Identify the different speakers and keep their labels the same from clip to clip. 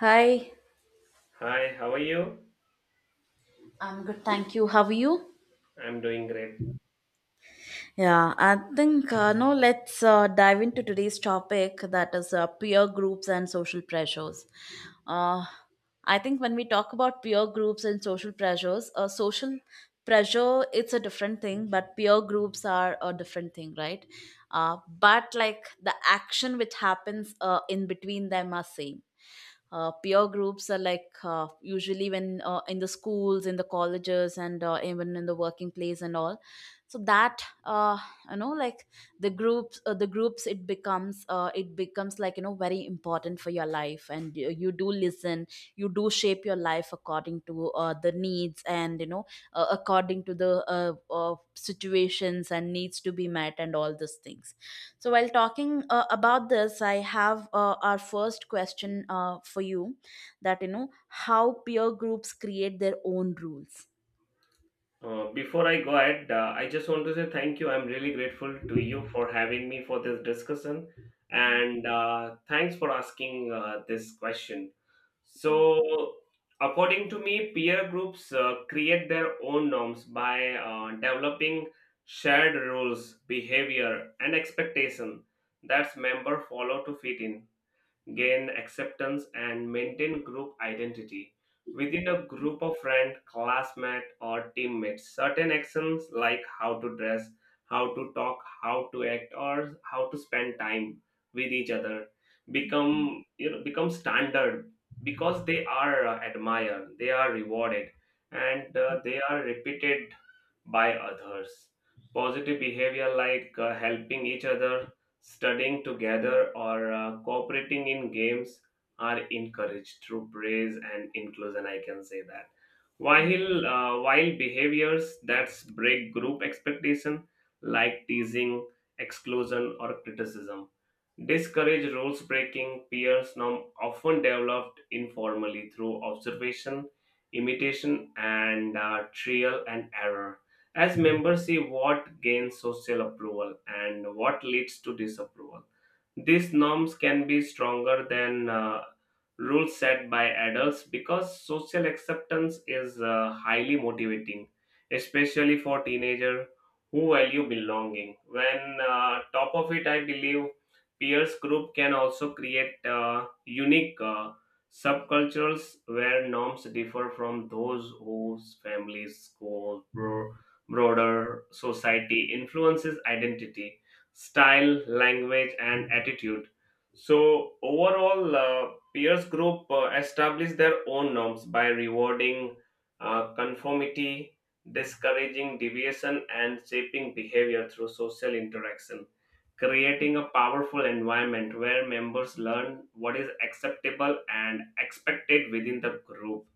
Speaker 1: Hi,
Speaker 2: Hi, how are you?
Speaker 1: I'm good, thank you. How are you?
Speaker 2: I'm doing great.
Speaker 1: Yeah, I think no. Let's dive into today's topic, that is peer groups and social pressures. Uh, I think when we talk about peer groups and social pressures, social pressure it's a different thing, but peer groups are a different thing, right? But like the action which happens in between them are same. Peer groups are like usually when in the schools, in the colleges, and even in the working place and all, so that you know like the groups it becomes it becomes like you know very important for your life, and you do listen, you do shape your life according to the needs, and you know, according to the situations and needs to be met and all these things. So while talking about this, I have our first question for you, that you know, how peer groups create their own rules.
Speaker 2: Before I go ahead, I just want to say thank you. I'm really grateful to you for having me for this discussion, and thanks for asking this question.
Speaker 1: Mm,
Speaker 2: So, according to me, peer groups create their own norms by developing shared rules, behavior, and expectation that member follow to fit in gain acceptance, and maintain group identity. Within a group of friends, classmates, or teammates, certain actions like how to dress, how to talk, how to act, or how to spend time with each other
Speaker 1: mm.
Speaker 2: become become standard because they are admired, they are rewarded, and they are repeated by others. Positive behavior like helping each other, studying together, or cooperating in games are encouraged through praise and inclusion. I can say that.
Speaker 1: Yeah.
Speaker 2: While behaviors that break group expectation, like teasing, exclusion, or criticism, discourage rules breaking. Peers norm often developed informally through observation, imitation, and trial and error as members see what gains social approval and what leads to disapproval. These norms can be stronger than rules set by adults because social acceptance is highly motivating, especially for teenagers who value belonging. When top of it, I believe peers group can also create unique subcultures where norms differ from those whose families, school, broader society influences identity, style, language, and attitude. So, overall, peers group establish their own norms by rewarding conformity, discouraging deviation, and shaping behavior through social interaction. Creating a powerful environment where members learn what is acceptable and expected within the group.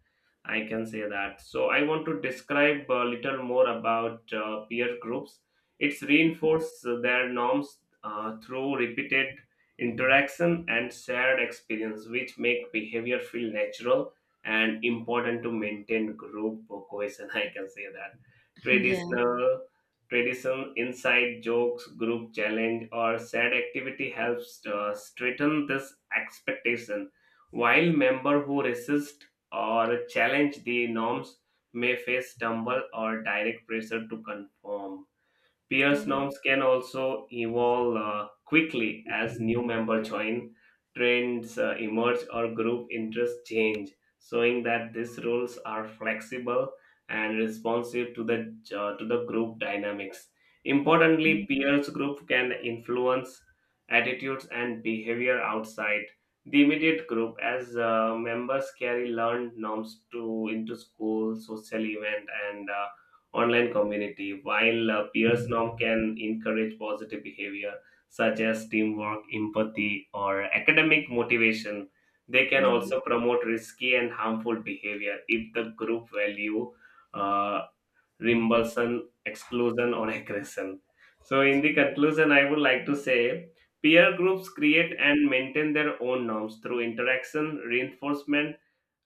Speaker 2: I can say that. So I want to describe a little more about peer groups. It's reinforce their norms through repeated interaction and shared experience, which make behavior feel natural and important to maintain group cohesion. I can say that.
Speaker 1: Yeah.
Speaker 2: Traditional tradition, inside jokes, group challenge, or shared activity helps straighten this expectation while member who resist or challenge the norms may face stumble or direct pressure to conform. Peers norms can also evolve quickly as new members join, trends emerge, or group interests change, showing that these rules are flexible and responsive to the group dynamics. Importantly,
Speaker 1: Yeah.
Speaker 2: peers group can influence attitudes and behavior outside the immediate group as members carry learned norms to into school, social event, and online community. While peers norm can encourage positive behavior such as teamwork, empathy, or academic motivation, they can
Speaker 1: Hmm.
Speaker 2: also promote risky and harmful behavior if the group value uh, reimbursement, exclusion, or aggression. So, in the conclusion, I would like to say peer groups create and maintain their own norms through interaction, reinforcement,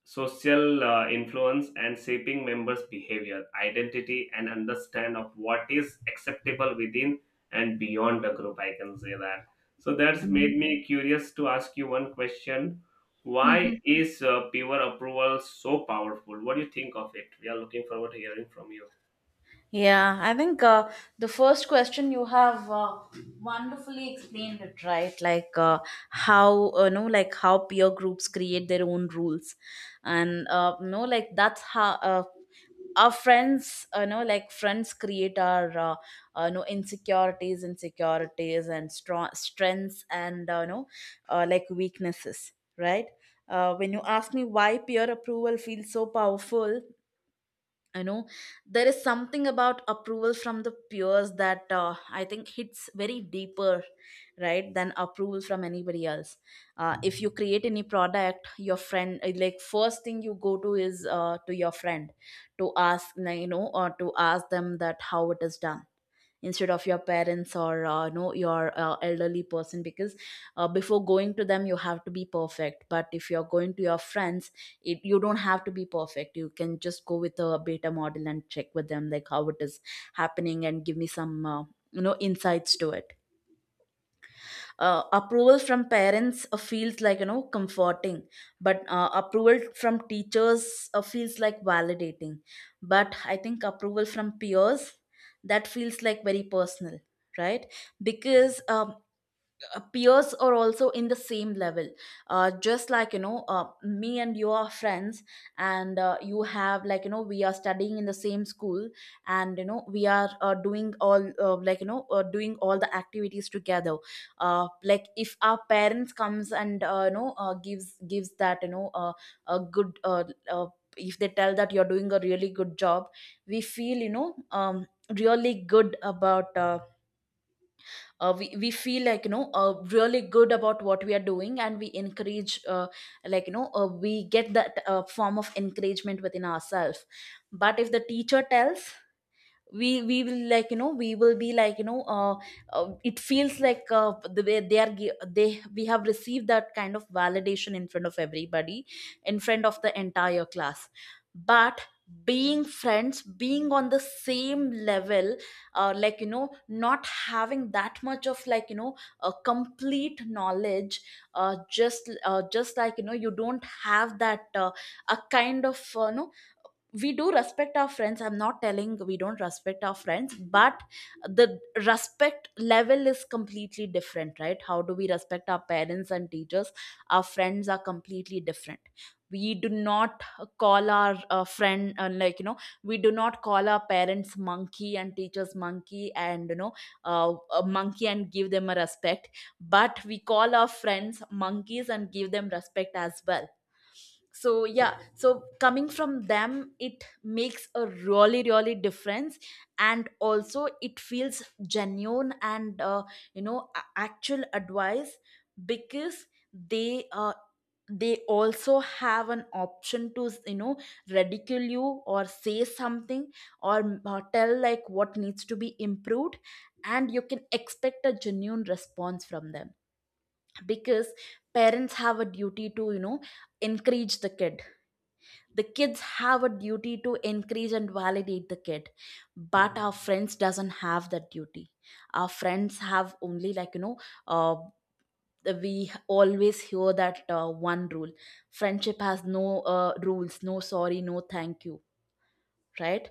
Speaker 2: social influence and shaping members' behavior, identity, and understand of what is acceptable within and beyond the group. I can say that. So that's made me curious to ask you one question. Why
Speaker 1: Hmm.
Speaker 2: is peer approval so powerful? What do you think of it? We are looking forward to hearing from you.
Speaker 1: Yeah, I think the first question you have wonderfully explained it, right? Like how no, like how peer groups create their own rules, and no, like that's how our friends, you know, like friends create our no insecurities, insecurities, and strong strengths, and no, like weaknesses, right? When you ask me why peer approval feels so powerful, you know, there is something about approval from the peers that I think hits very deeper, right, than approval from anybody else. If you create any product, your friend, like first thing you go to is to your friend, to ask like, you know, or to ask them that how it is done, instead of your parents or your elderly person. Because before going to them you have to be perfect, but if you're going to your friends, it, you don't have to be perfect, you can just go with a beta model and check with them like how it is happening and give me some you know insights to it. Approval from parents feels like you know comforting, but approval from teachers feels like validating, but I think approval from peers, that feels like very personal, right? Because peers are also in the same level, just like you know, me and you are friends, and you have like you know, we are studying in the same school, and you know we are doing all doing all the activities together. Like if our parents comes and you know gives that you know a good uh, if they tell that you're doing a really good job, we feel you know really good about uh, we feel like you know really good about what we are doing and we encourage we get that form of encouragement within ourselves. But if the teacher tells, we will like you know, we will be like you know, it feels like the way they are they we have received that kind of validation in front of everybody, in front of the entire class. But being friends, being on the same level, like you know, not having that much of like you know a complete knowledge, just like you know, you don't have that a kind of no we do respect our friends, I'm not telling we don't respect our friends, but the respect level is completely different, right? How do we respect our parents and teachers, our friends are completely different. We do not call our friend, like you know, we do not call our parents monkey and teachers monkey and you know a monkey and give them a respect, but we call our friends monkeys and give them respect as well. So yeah, so coming from them, it makes a really really difference. And also it feels genuine, and you know, actual advice. Because they uh, they also have an option to you know ridicule you or say something, or tell like what needs to be improved, and you can expect a genuine response from them. Because parents have a duty to you know encourage the kid, the kids have a duty to encourage and validate the kid, but our friends doesn't have that duty. Our friends have only like you know, uh, we always hear that one rule, friendship has no rules, no sorry, no thank you, right?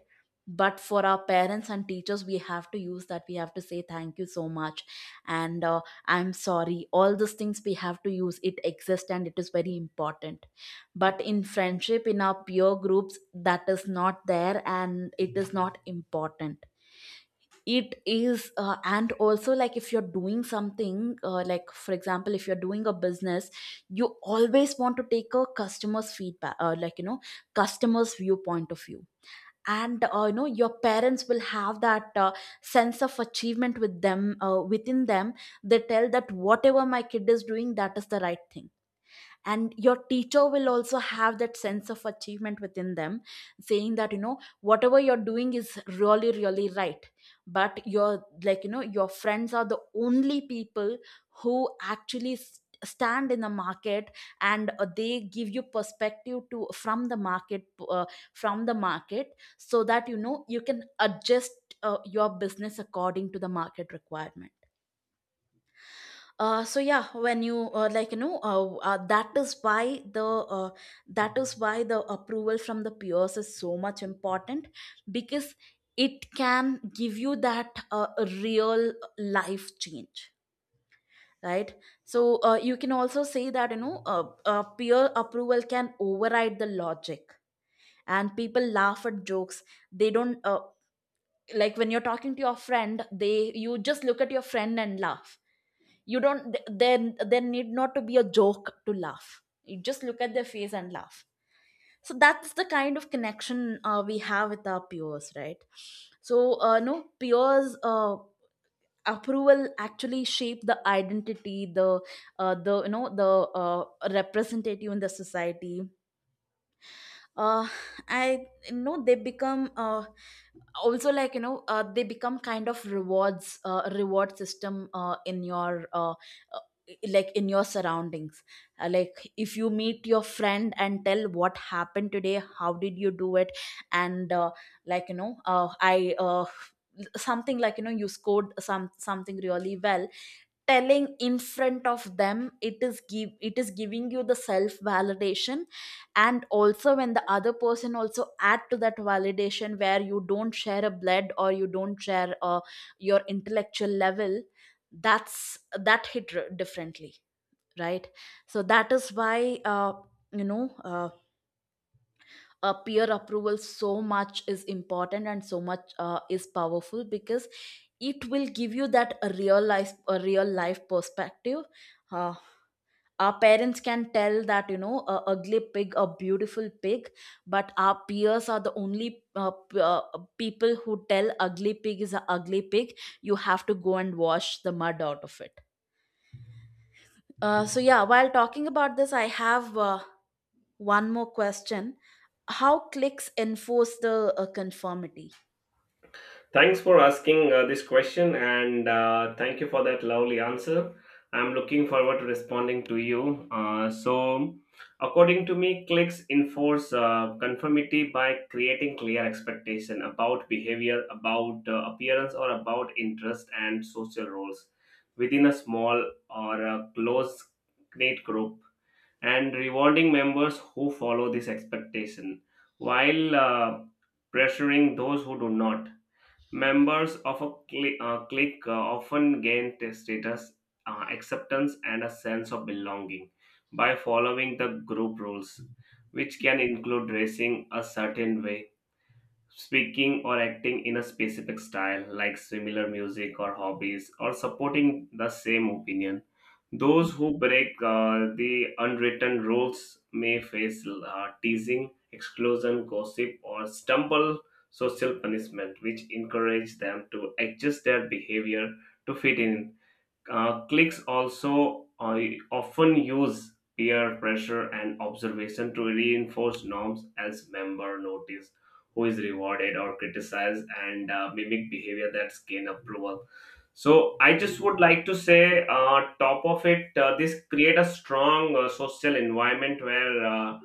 Speaker 1: But for our parents and teachers we have to use that, we have to say thank you so much, and I'm sorry, all those things we have to use, it exists and it is very important. But in friendship, in our peer groups, that is not there and it is not important. It is and also, like if you're doing something like for example, if you're doing a business, you always want to take a customer's feedback, like you know, customer's viewpoint of view. And you know your parents will have that sense of achievement with them, within them, they tell that whatever my kid is doing, that is the right thing. And your teacher will also have that sense of achievement within them, saying that you know, whatever you're doing is really really right. But your like you know, your friends are the only people who actually stand in the market, and they give you perspective to, from the market, from the market, so that you know you can adjust your business according to the market requirement. Uh so yeah when you like you know that is why the uh, that is why the approval from the peers is so much important, because it can give you that real life change, right? So you can also say that you know peer approval can override the logic, and people laugh at jokes, they don't like when you're talking to your friend, they you just look at your friend and laugh. You don't there there need not to be a joke to laugh, you just look at their face and laugh. So that's the kind of connection we have with our peers, right? So no peers approval actually shape the identity, the you know the uh, representative in the society. Uh, i you know, they become also like you know they become kind of rewards, reward system in your uh, like in your surroundings. Like if you meet your friend and tell what happened today, how did you do it, and like you know I something like you know, you scored some something really well, telling in front of them, it is giving you the self validation. And also when the other person also add to that validation, where you don't share a blood or you don't share your intellectual level, that's that hit differently, right? So that is why you know uh, peer approval so much is important and so much is powerful, because it will give you that a real life perspective. uh, our parents can tell that you know a ugly pig a beautiful pig, but our peers are the only people who tell ugly pig is a ugly pig, you have to go and wash the mud out of it. So yeah, while talking about this, I have one more question. How cliques enforce the conformity?
Speaker 2: Thanks for asking this question and thank you for that lovely answer. I'm looking forward to responding to you. So, according to me, clicks enforce conformity by creating clear expectation about behavior, about appearance, or about interest and social roles within a small or a close knit group, and rewarding members who follow this expectation while pressuring those who do not. Members of a clique often gain status, acceptance, and a sense of belonging by following the group rules, which can include dressing a certain way speaking or acting in a specific style, like similar music or hobbies, or supporting the same opinion. Those who break the unwritten rules may face teasing, exclusion, gossip, or stumble social punishment, which encourage them to adjust their behavior to fit in. Cliques also often use peer pressure and observation to reinforce norms as member notice who is rewarded or criticized and mimic behavior that gain approval. So I just would like to say top of it, this create a strong social environment where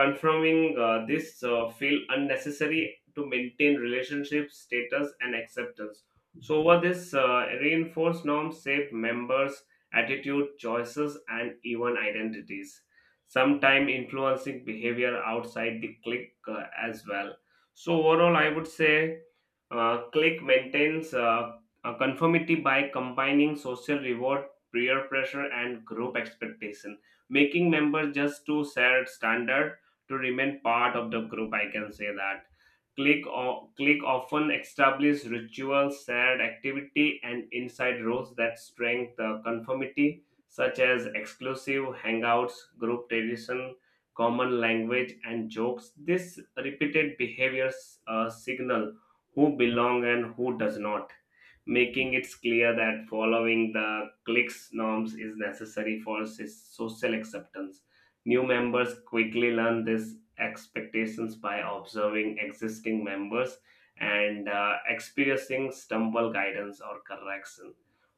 Speaker 2: confirming this feel unnecessary to maintain relationship status and acceptance. So, over this, reinforced norms shape members' attitude, choices, and even identities, sometimes influencing behavior outside the clique as well. So, overall, I would say clique maintains a conformity by combining social reward, peer pressure, and group expectation, making members just to set standard to remain part of the group. I can say that. Click often establish rituals, shared activity, and inside roles that strengthen the conformity, such as exclusive hangouts, group tradition, common language, and jokes. This repeated behaviors signal who belong and who does not, making it clear that following the clique's norms is necessary for social acceptance. New members quickly learn this expectations by observing existing members and experiencing stumble guidance or correction.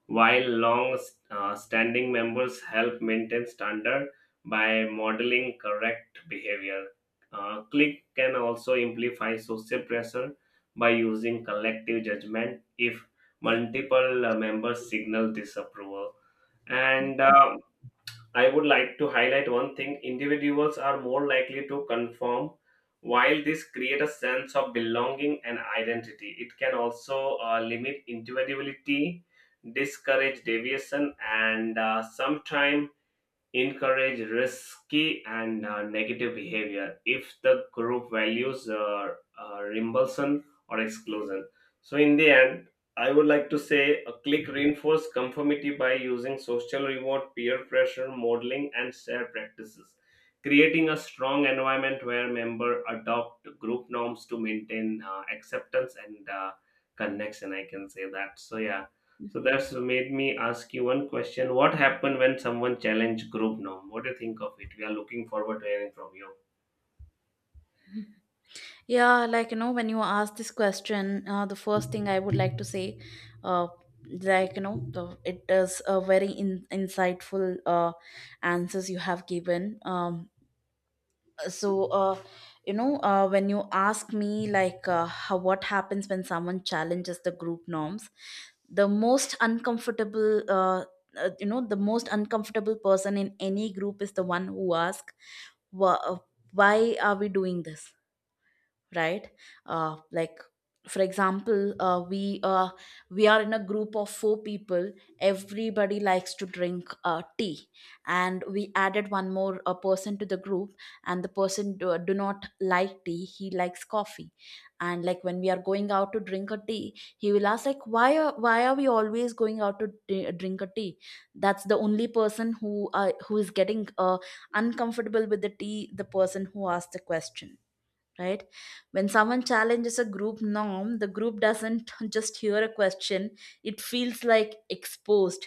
Speaker 2: While long standing members help maintain standard by modeling correct behavior. Click can also amplify social pressure by using collective judgment if multiple members signal disapproval and I would like to highlight one thing individuals are more likely to conform. While this creates a sense of belonging and identity, it can also limit individuality, discourage deviation, and sometimes encourage risky and negative behavior if the group values reimbursement or exclusion. So, in the end, I would like to say a click reinforce conformity by using social reward, peer pressure, modeling, and shared practices, creating a strong environment where members adopt group norms to maintain acceptance and connection. I can say that. So, yeah, so that's made me ask you one question. What happened when someone challenged group norm? What do you think of it? We are looking forward to hearing from you.
Speaker 1: Yeah, like you know, when you ask this question, the first thing I would like to say, uh, like you know, the, it is a very insightful answers you have given. So uh, when you ask me how, what happens when someone challenges the group norms, the most uncomfortable the most uncomfortable person in any group is the one who asks, why are we doing this, right? Like for example, we are in a group of four people. Everybody likes to drink tea, and we added one more person to the group, and the person do not like tea, he likes coffee. And like when we are going out to drink a tea, he will ask like why are we always going out to drink a tea. That's the only person who is getting uncomfortable with the tea, the person who asked the question, right? When someone challenges a group norm, the group doesn't just hear a question, it feels like exposed,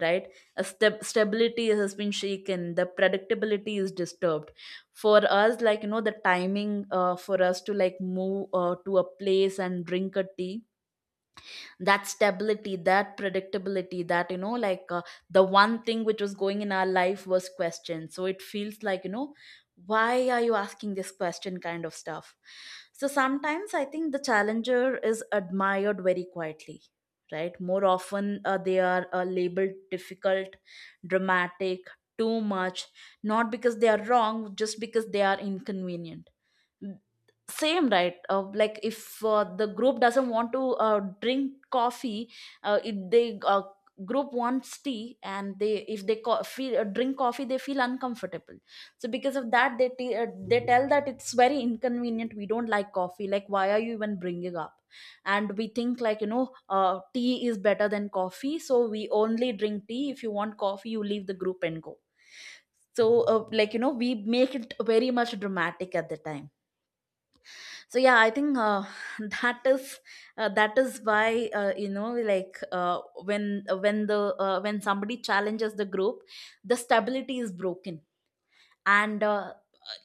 Speaker 1: right? A step stability has been shaken, the predictability is disturbed. For us, the timing for us to like move to a place and drink a tea, that stability, that predictability, that the one thing which was going in our life was questioned, so it feels like you know, why are you asking this question, kind of stuff. So sometimes I think the challenger is admired very quietly, right? More often they are labeled difficult, dramatic, too much, not because they are wrong, just because they are inconvenient. Same, right? Like if the group doesn't want to drink coffee, if they group wants tea and they if they feel drink coffee, they feel uncomfortable. So because of that they they tell that it's very inconvenient, we don't like coffee, like why are you even bringing up. And we think tea is better than coffee, so we only drink tea, if you want coffee you leave the group and go. So like we make it very much dramatic at the time. So yeah, I think that is that is why when when the when somebody challenges the group, the stability is broken. And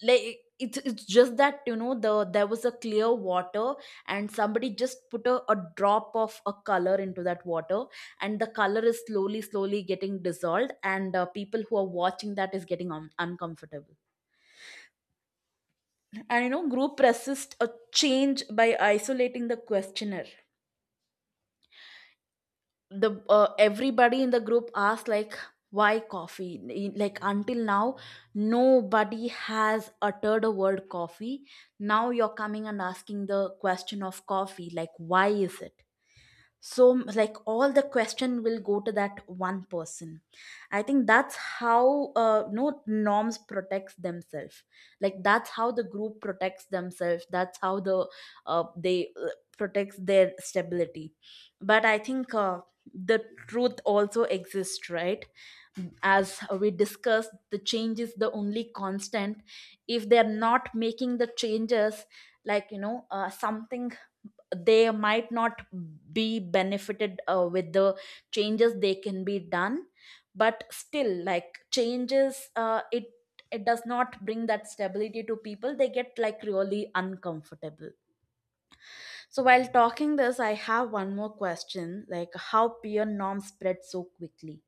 Speaker 1: it's just that you know there was a clear water, and somebody just put a drop of a color into that water, and the color is slowly slowly getting dissolved, and people who are watching that is getting uncomfortable. And you know, group resist a change by isolating the questioner. The Everybody in the group asked like, why coffee, like until now nobody has uttered a word coffee, now you're coming and asking the question of coffee, like why is it. So like all the question will go to that one person. I think that's how no norms protects themselves, like that's how the group protects themselves, that's how the they protects their stability. But I think the truth also exists, right? As we discussed, the change is the only constant. If they're not making the changes, something, they might not be benefited with the changes, they can be done. But still, like changes it, it does not bring that stability to people, they get like really uncomfortable. So while talking this, I have one more question, like how peer norms spread so quickly.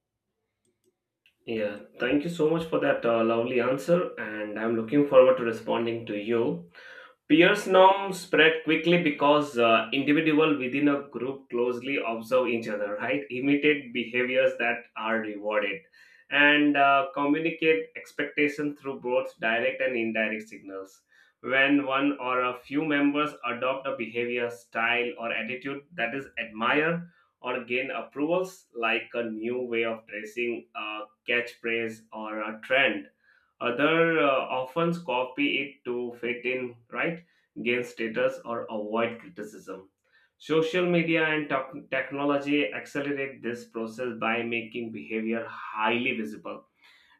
Speaker 2: Yeah, thank you so much for that lovely answer, and I'm looking forward to responding to you. Peers norms spread quickly because individuals within a group closely observe each other, right? Imitate behaviors that are rewarded and communicate expectations through both direct and indirect signals. When one or a few members adopt a behavior, style, or attitude that is admired or gain approvals, like a new way of dressing, a catchphrase, or a trend, other often copy it to fit in, right? Gain status, or avoid criticism. Social media and technology accelerate this process by making behavior highly visible,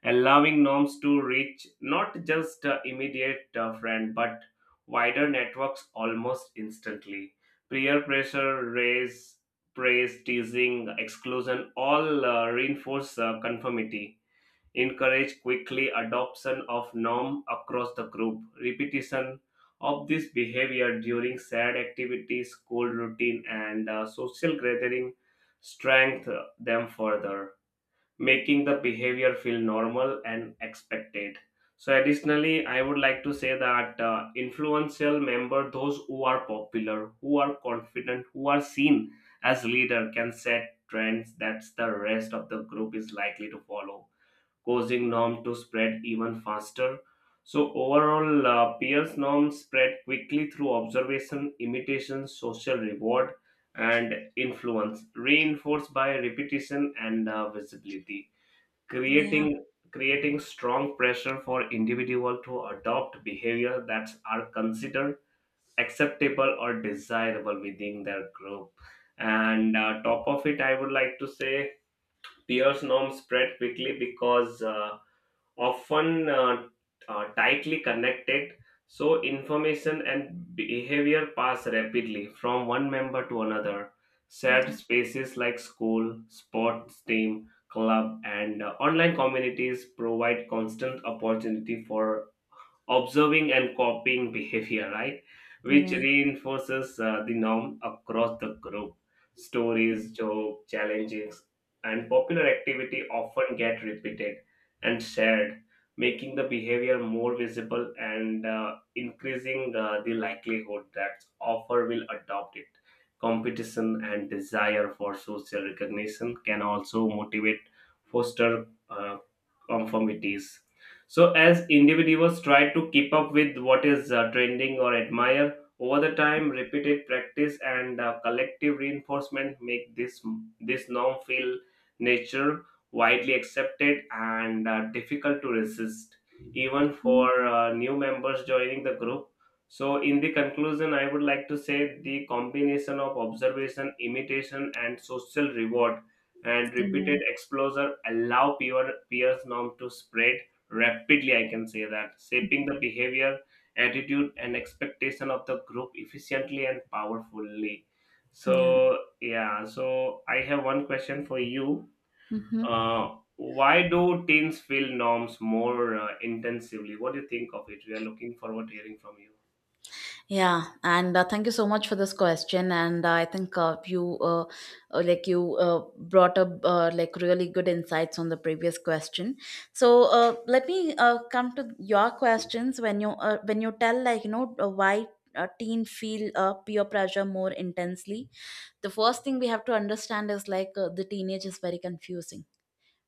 Speaker 2: allowing norms to reach not just immediate friend but wider networks almost instantly. Peer pressure, raise, praise, teasing, exclusion all reinforce conformity encourage quickly adoption of norm across the group. Repetition of this behavior during sad activities, school routine, and social gathering strengthen them further, making the behavior feel normal and expected. So, additionally, I would like to say that influential member, those who are popular, who are confident, who are seen as leader, can set trends that the rest of the group is likely to follow causing norm to spread even faster. So overall, peers norms spread quickly through observation, imitation, social reward, and influence, reinforced by repetition and visibility,
Speaker 1: Yeah,
Speaker 2: creating creating strong pressure for individual to adopt behavior that are considered acceptable or desirable within their group. And top of it, I would like to say peers norms spread quickly because. Often tightly connected, so information and behavior pass rapidly from one member to another. Shared
Speaker 1: yeah,
Speaker 2: spaces like school, sports team, club, and online communities provide constant opportunity for observing and copying behavior, right? Which
Speaker 1: yeah.
Speaker 2: reinforces the norm across the group. Stories, joke, challenges, and popular activity often get repeated and shared, making the behavior more visible and increasing the likelihood that offer will adopt it. Competition and desire for social recognition can also motivate, foster conformities. So, as individuals try to keep up with what is trending or admire, over the time, repeated practice and collective reinforcement make this norm feel natural, widely accepted, and difficult to resist, even
Speaker 1: Mm,
Speaker 2: for new members joining the group. So, in the conclusion, I would like to say the combination of observation, imitation, and social reward and
Speaker 1: yeah,
Speaker 2: repeated exposure allow peers norm to spread rapidly. I can say that, shaping the behavior attitude and expectation of the group efficiently and powerfully. So
Speaker 1: yeah.
Speaker 2: yeah, so I have one question for you.
Speaker 1: Hmm.
Speaker 2: Why do teens feel norms more intensively? What do you think of it? We are looking forward to hearing from you.
Speaker 1: Yeah, and thank you so much for this question. And I think you, like you, brought up like really good insights on the previous question. So let me come to your questions, when you tell why teen feel peer pressure more intensely. The first thing we have to understand is the teenage is very confusing,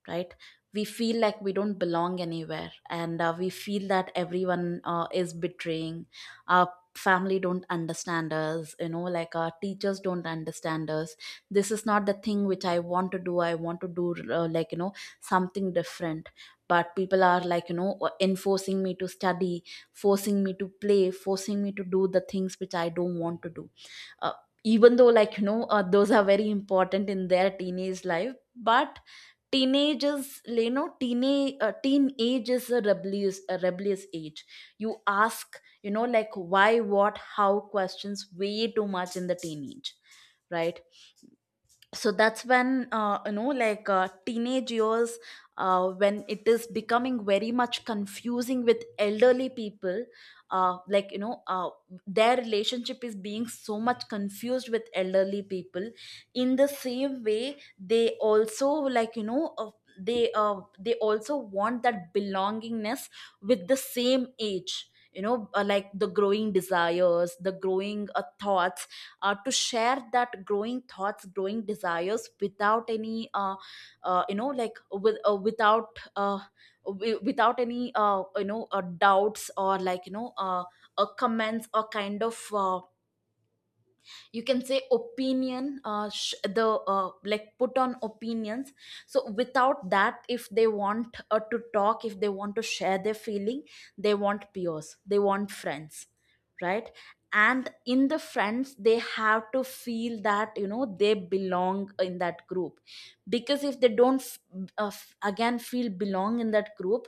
Speaker 1: right? We feel like we don't belong anywhere, and we feel that everyone is betraying. Our family don't understand us, you know, like our teachers don't understand us, this is not the thing which I want to do, I want to do something different, but people are enforcing me to study, forcing me to play, forcing me to do the things which I don't want to do. Uh, even though those are very important in their teenage life, but teenage is, you know, teenage teenage is a rebellious, a rebellious age. You ask, you know, like why, what, how questions way too much in the teenage, right? So that's when teenage years, when it is becoming very much confusing with elderly people, uh, like you know uh, their relationship is being so much confused with elderly people. In the same way they also like they also want that belongingness with the same age, you know, like the growing desires, the growing thoughts, to share that growing thoughts, growing desires without any without without any doubts or comments, or kind of you can say opinion, the like put on opinions. So without that, if they want to talk, if they want to share their feeling, they want peers, they want friends, right? And in the friends, they have to feel that, you know, they belong in that group. Because if they don't again feel belong in that group,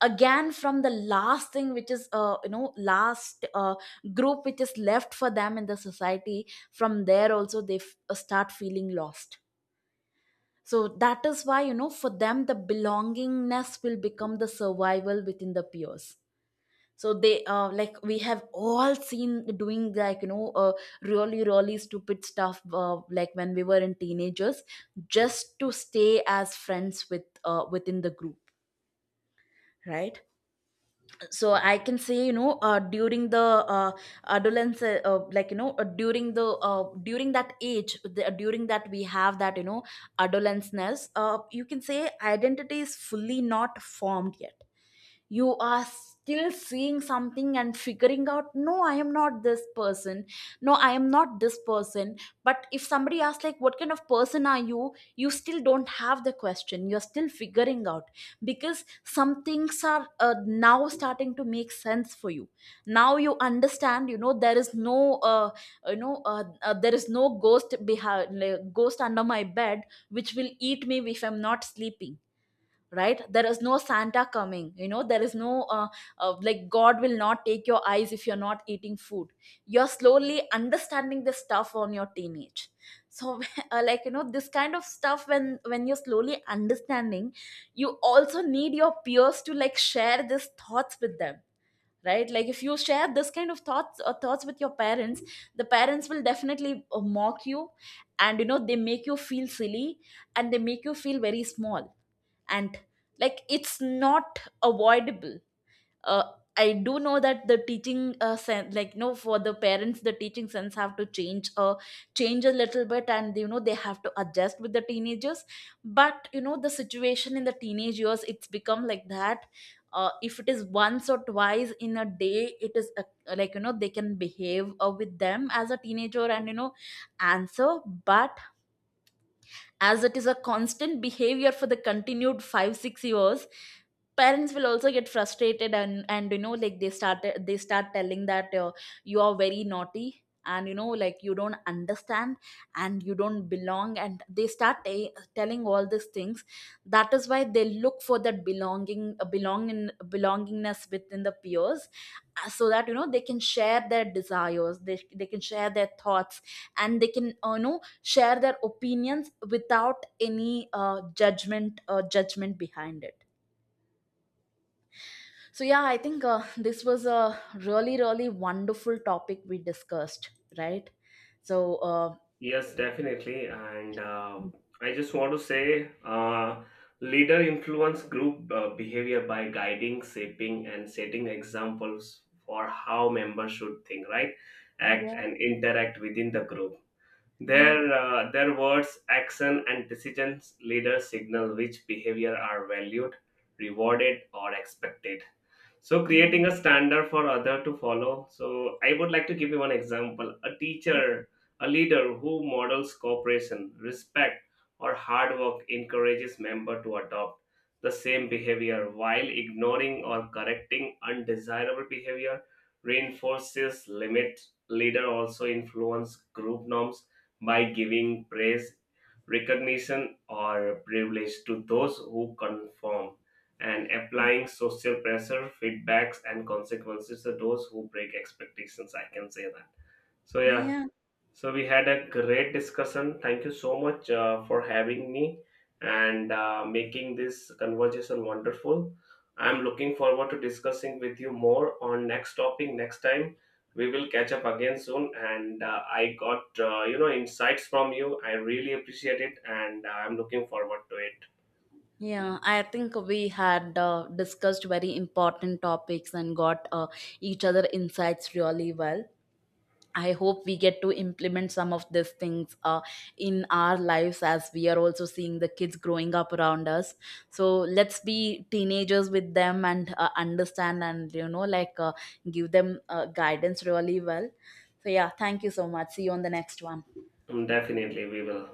Speaker 1: again from the last thing which is last group which is left for them in the society, from there also they start feeling lost. So that is why, you know, for them the belongingness will become the survival within the peers. So they like we have all seen doing really really stupid stuff like when we were in teenagers, just to stay as friends with within the group, right? So I can say, you know, during the uh, adolescence, like you know during the during that age during that we have that, you know, adolescence, you can say identity is fully not formed yet. You are still seeing something and figuring out, no I am not this person, no I am not this person. But if somebody asks like what kind of person are you, you still don't have the question, you're still figuring out, because some things are now starting to make sense for you. Now you understand, you know, there is no there is no ghost behind like, ghost under my bed which will eat me if I'm not sleeping, right? There is no santa coming, you know, there is no god will not take your eyes if you're not eating food. You're slowly understanding this stuff on your teenage. So this kind of stuff, when you're slowly understanding, you also need your peers to like share these thoughts with them, right? Like if you share this kind of thoughts or thoughts with your parents, the parents will definitely mock you, and you know, they make you feel silly, and they make you feel very small. And like it's not avoidable. Uh, i do know that the teaching sense, like no, for the parents the teaching sense have to change change a little bit, and you know, they have to adjust with the teenagers. But you know, the situation in the teenage years it's become like that. If it is once or twice in a day, it is they can behave with them as a teenager and, you know, answer. But as it is a constant behavior for the continued 5-6 years, parents will also get frustrated, and you know like they start telling that you are very naughty, and you know, like you don't understand, and you don't belong, and they start telling all these things. That is why they look for that belongingness within the peers, so that, you know, they can share their desires, they can share their thoughts, and they can, you know, share their opinions without any judgment behind it. So yeah, I think this was a really really wonderful topic we discussed, right? So uh,
Speaker 2: Yes, definitely. And I just want to say leader influence group behavior by guiding, shaping, and setting examples for how members should think, right? Act
Speaker 1: Yeah.
Speaker 2: and interact within the group.
Speaker 1: Yeah,
Speaker 2: Their words, action, and decisions leaders signal which behavior are valued, rewarded, or expected. So
Speaker 1: yeah,
Speaker 2: creating a standard for other to follow. So I would like to give you one example: a teacher, a leader who models cooperation, respect, or hard work encourages member to adopt the same behavior while ignoring or correcting undesirable behavior reinforces limit leader also influence group norms by giving praise, recognition, or privilege to those who conform, and applying social pressure, feedbacks, and consequences to those who break expectations. I can say that. So, yeah,
Speaker 1: yeah,
Speaker 2: so we had a great discussion. Thank you so much for having me and making this conversation wonderful. I'm looking forward to discussing with you more on next topic next time. We will catch up again soon. And I got insights from you. I really appreciate it, and I'm looking forward to it.
Speaker 1: yeah. I think we had discussed very important topics and got each other insights really well. I hope we get to implement some of these things in our lives, as we are also seeing the kids growing up around us. So let's be teenagers with them and understand, and, you know, like give them guidance really well. So yeah, thank you so much. See you on the next one.
Speaker 2: Definitely, we will.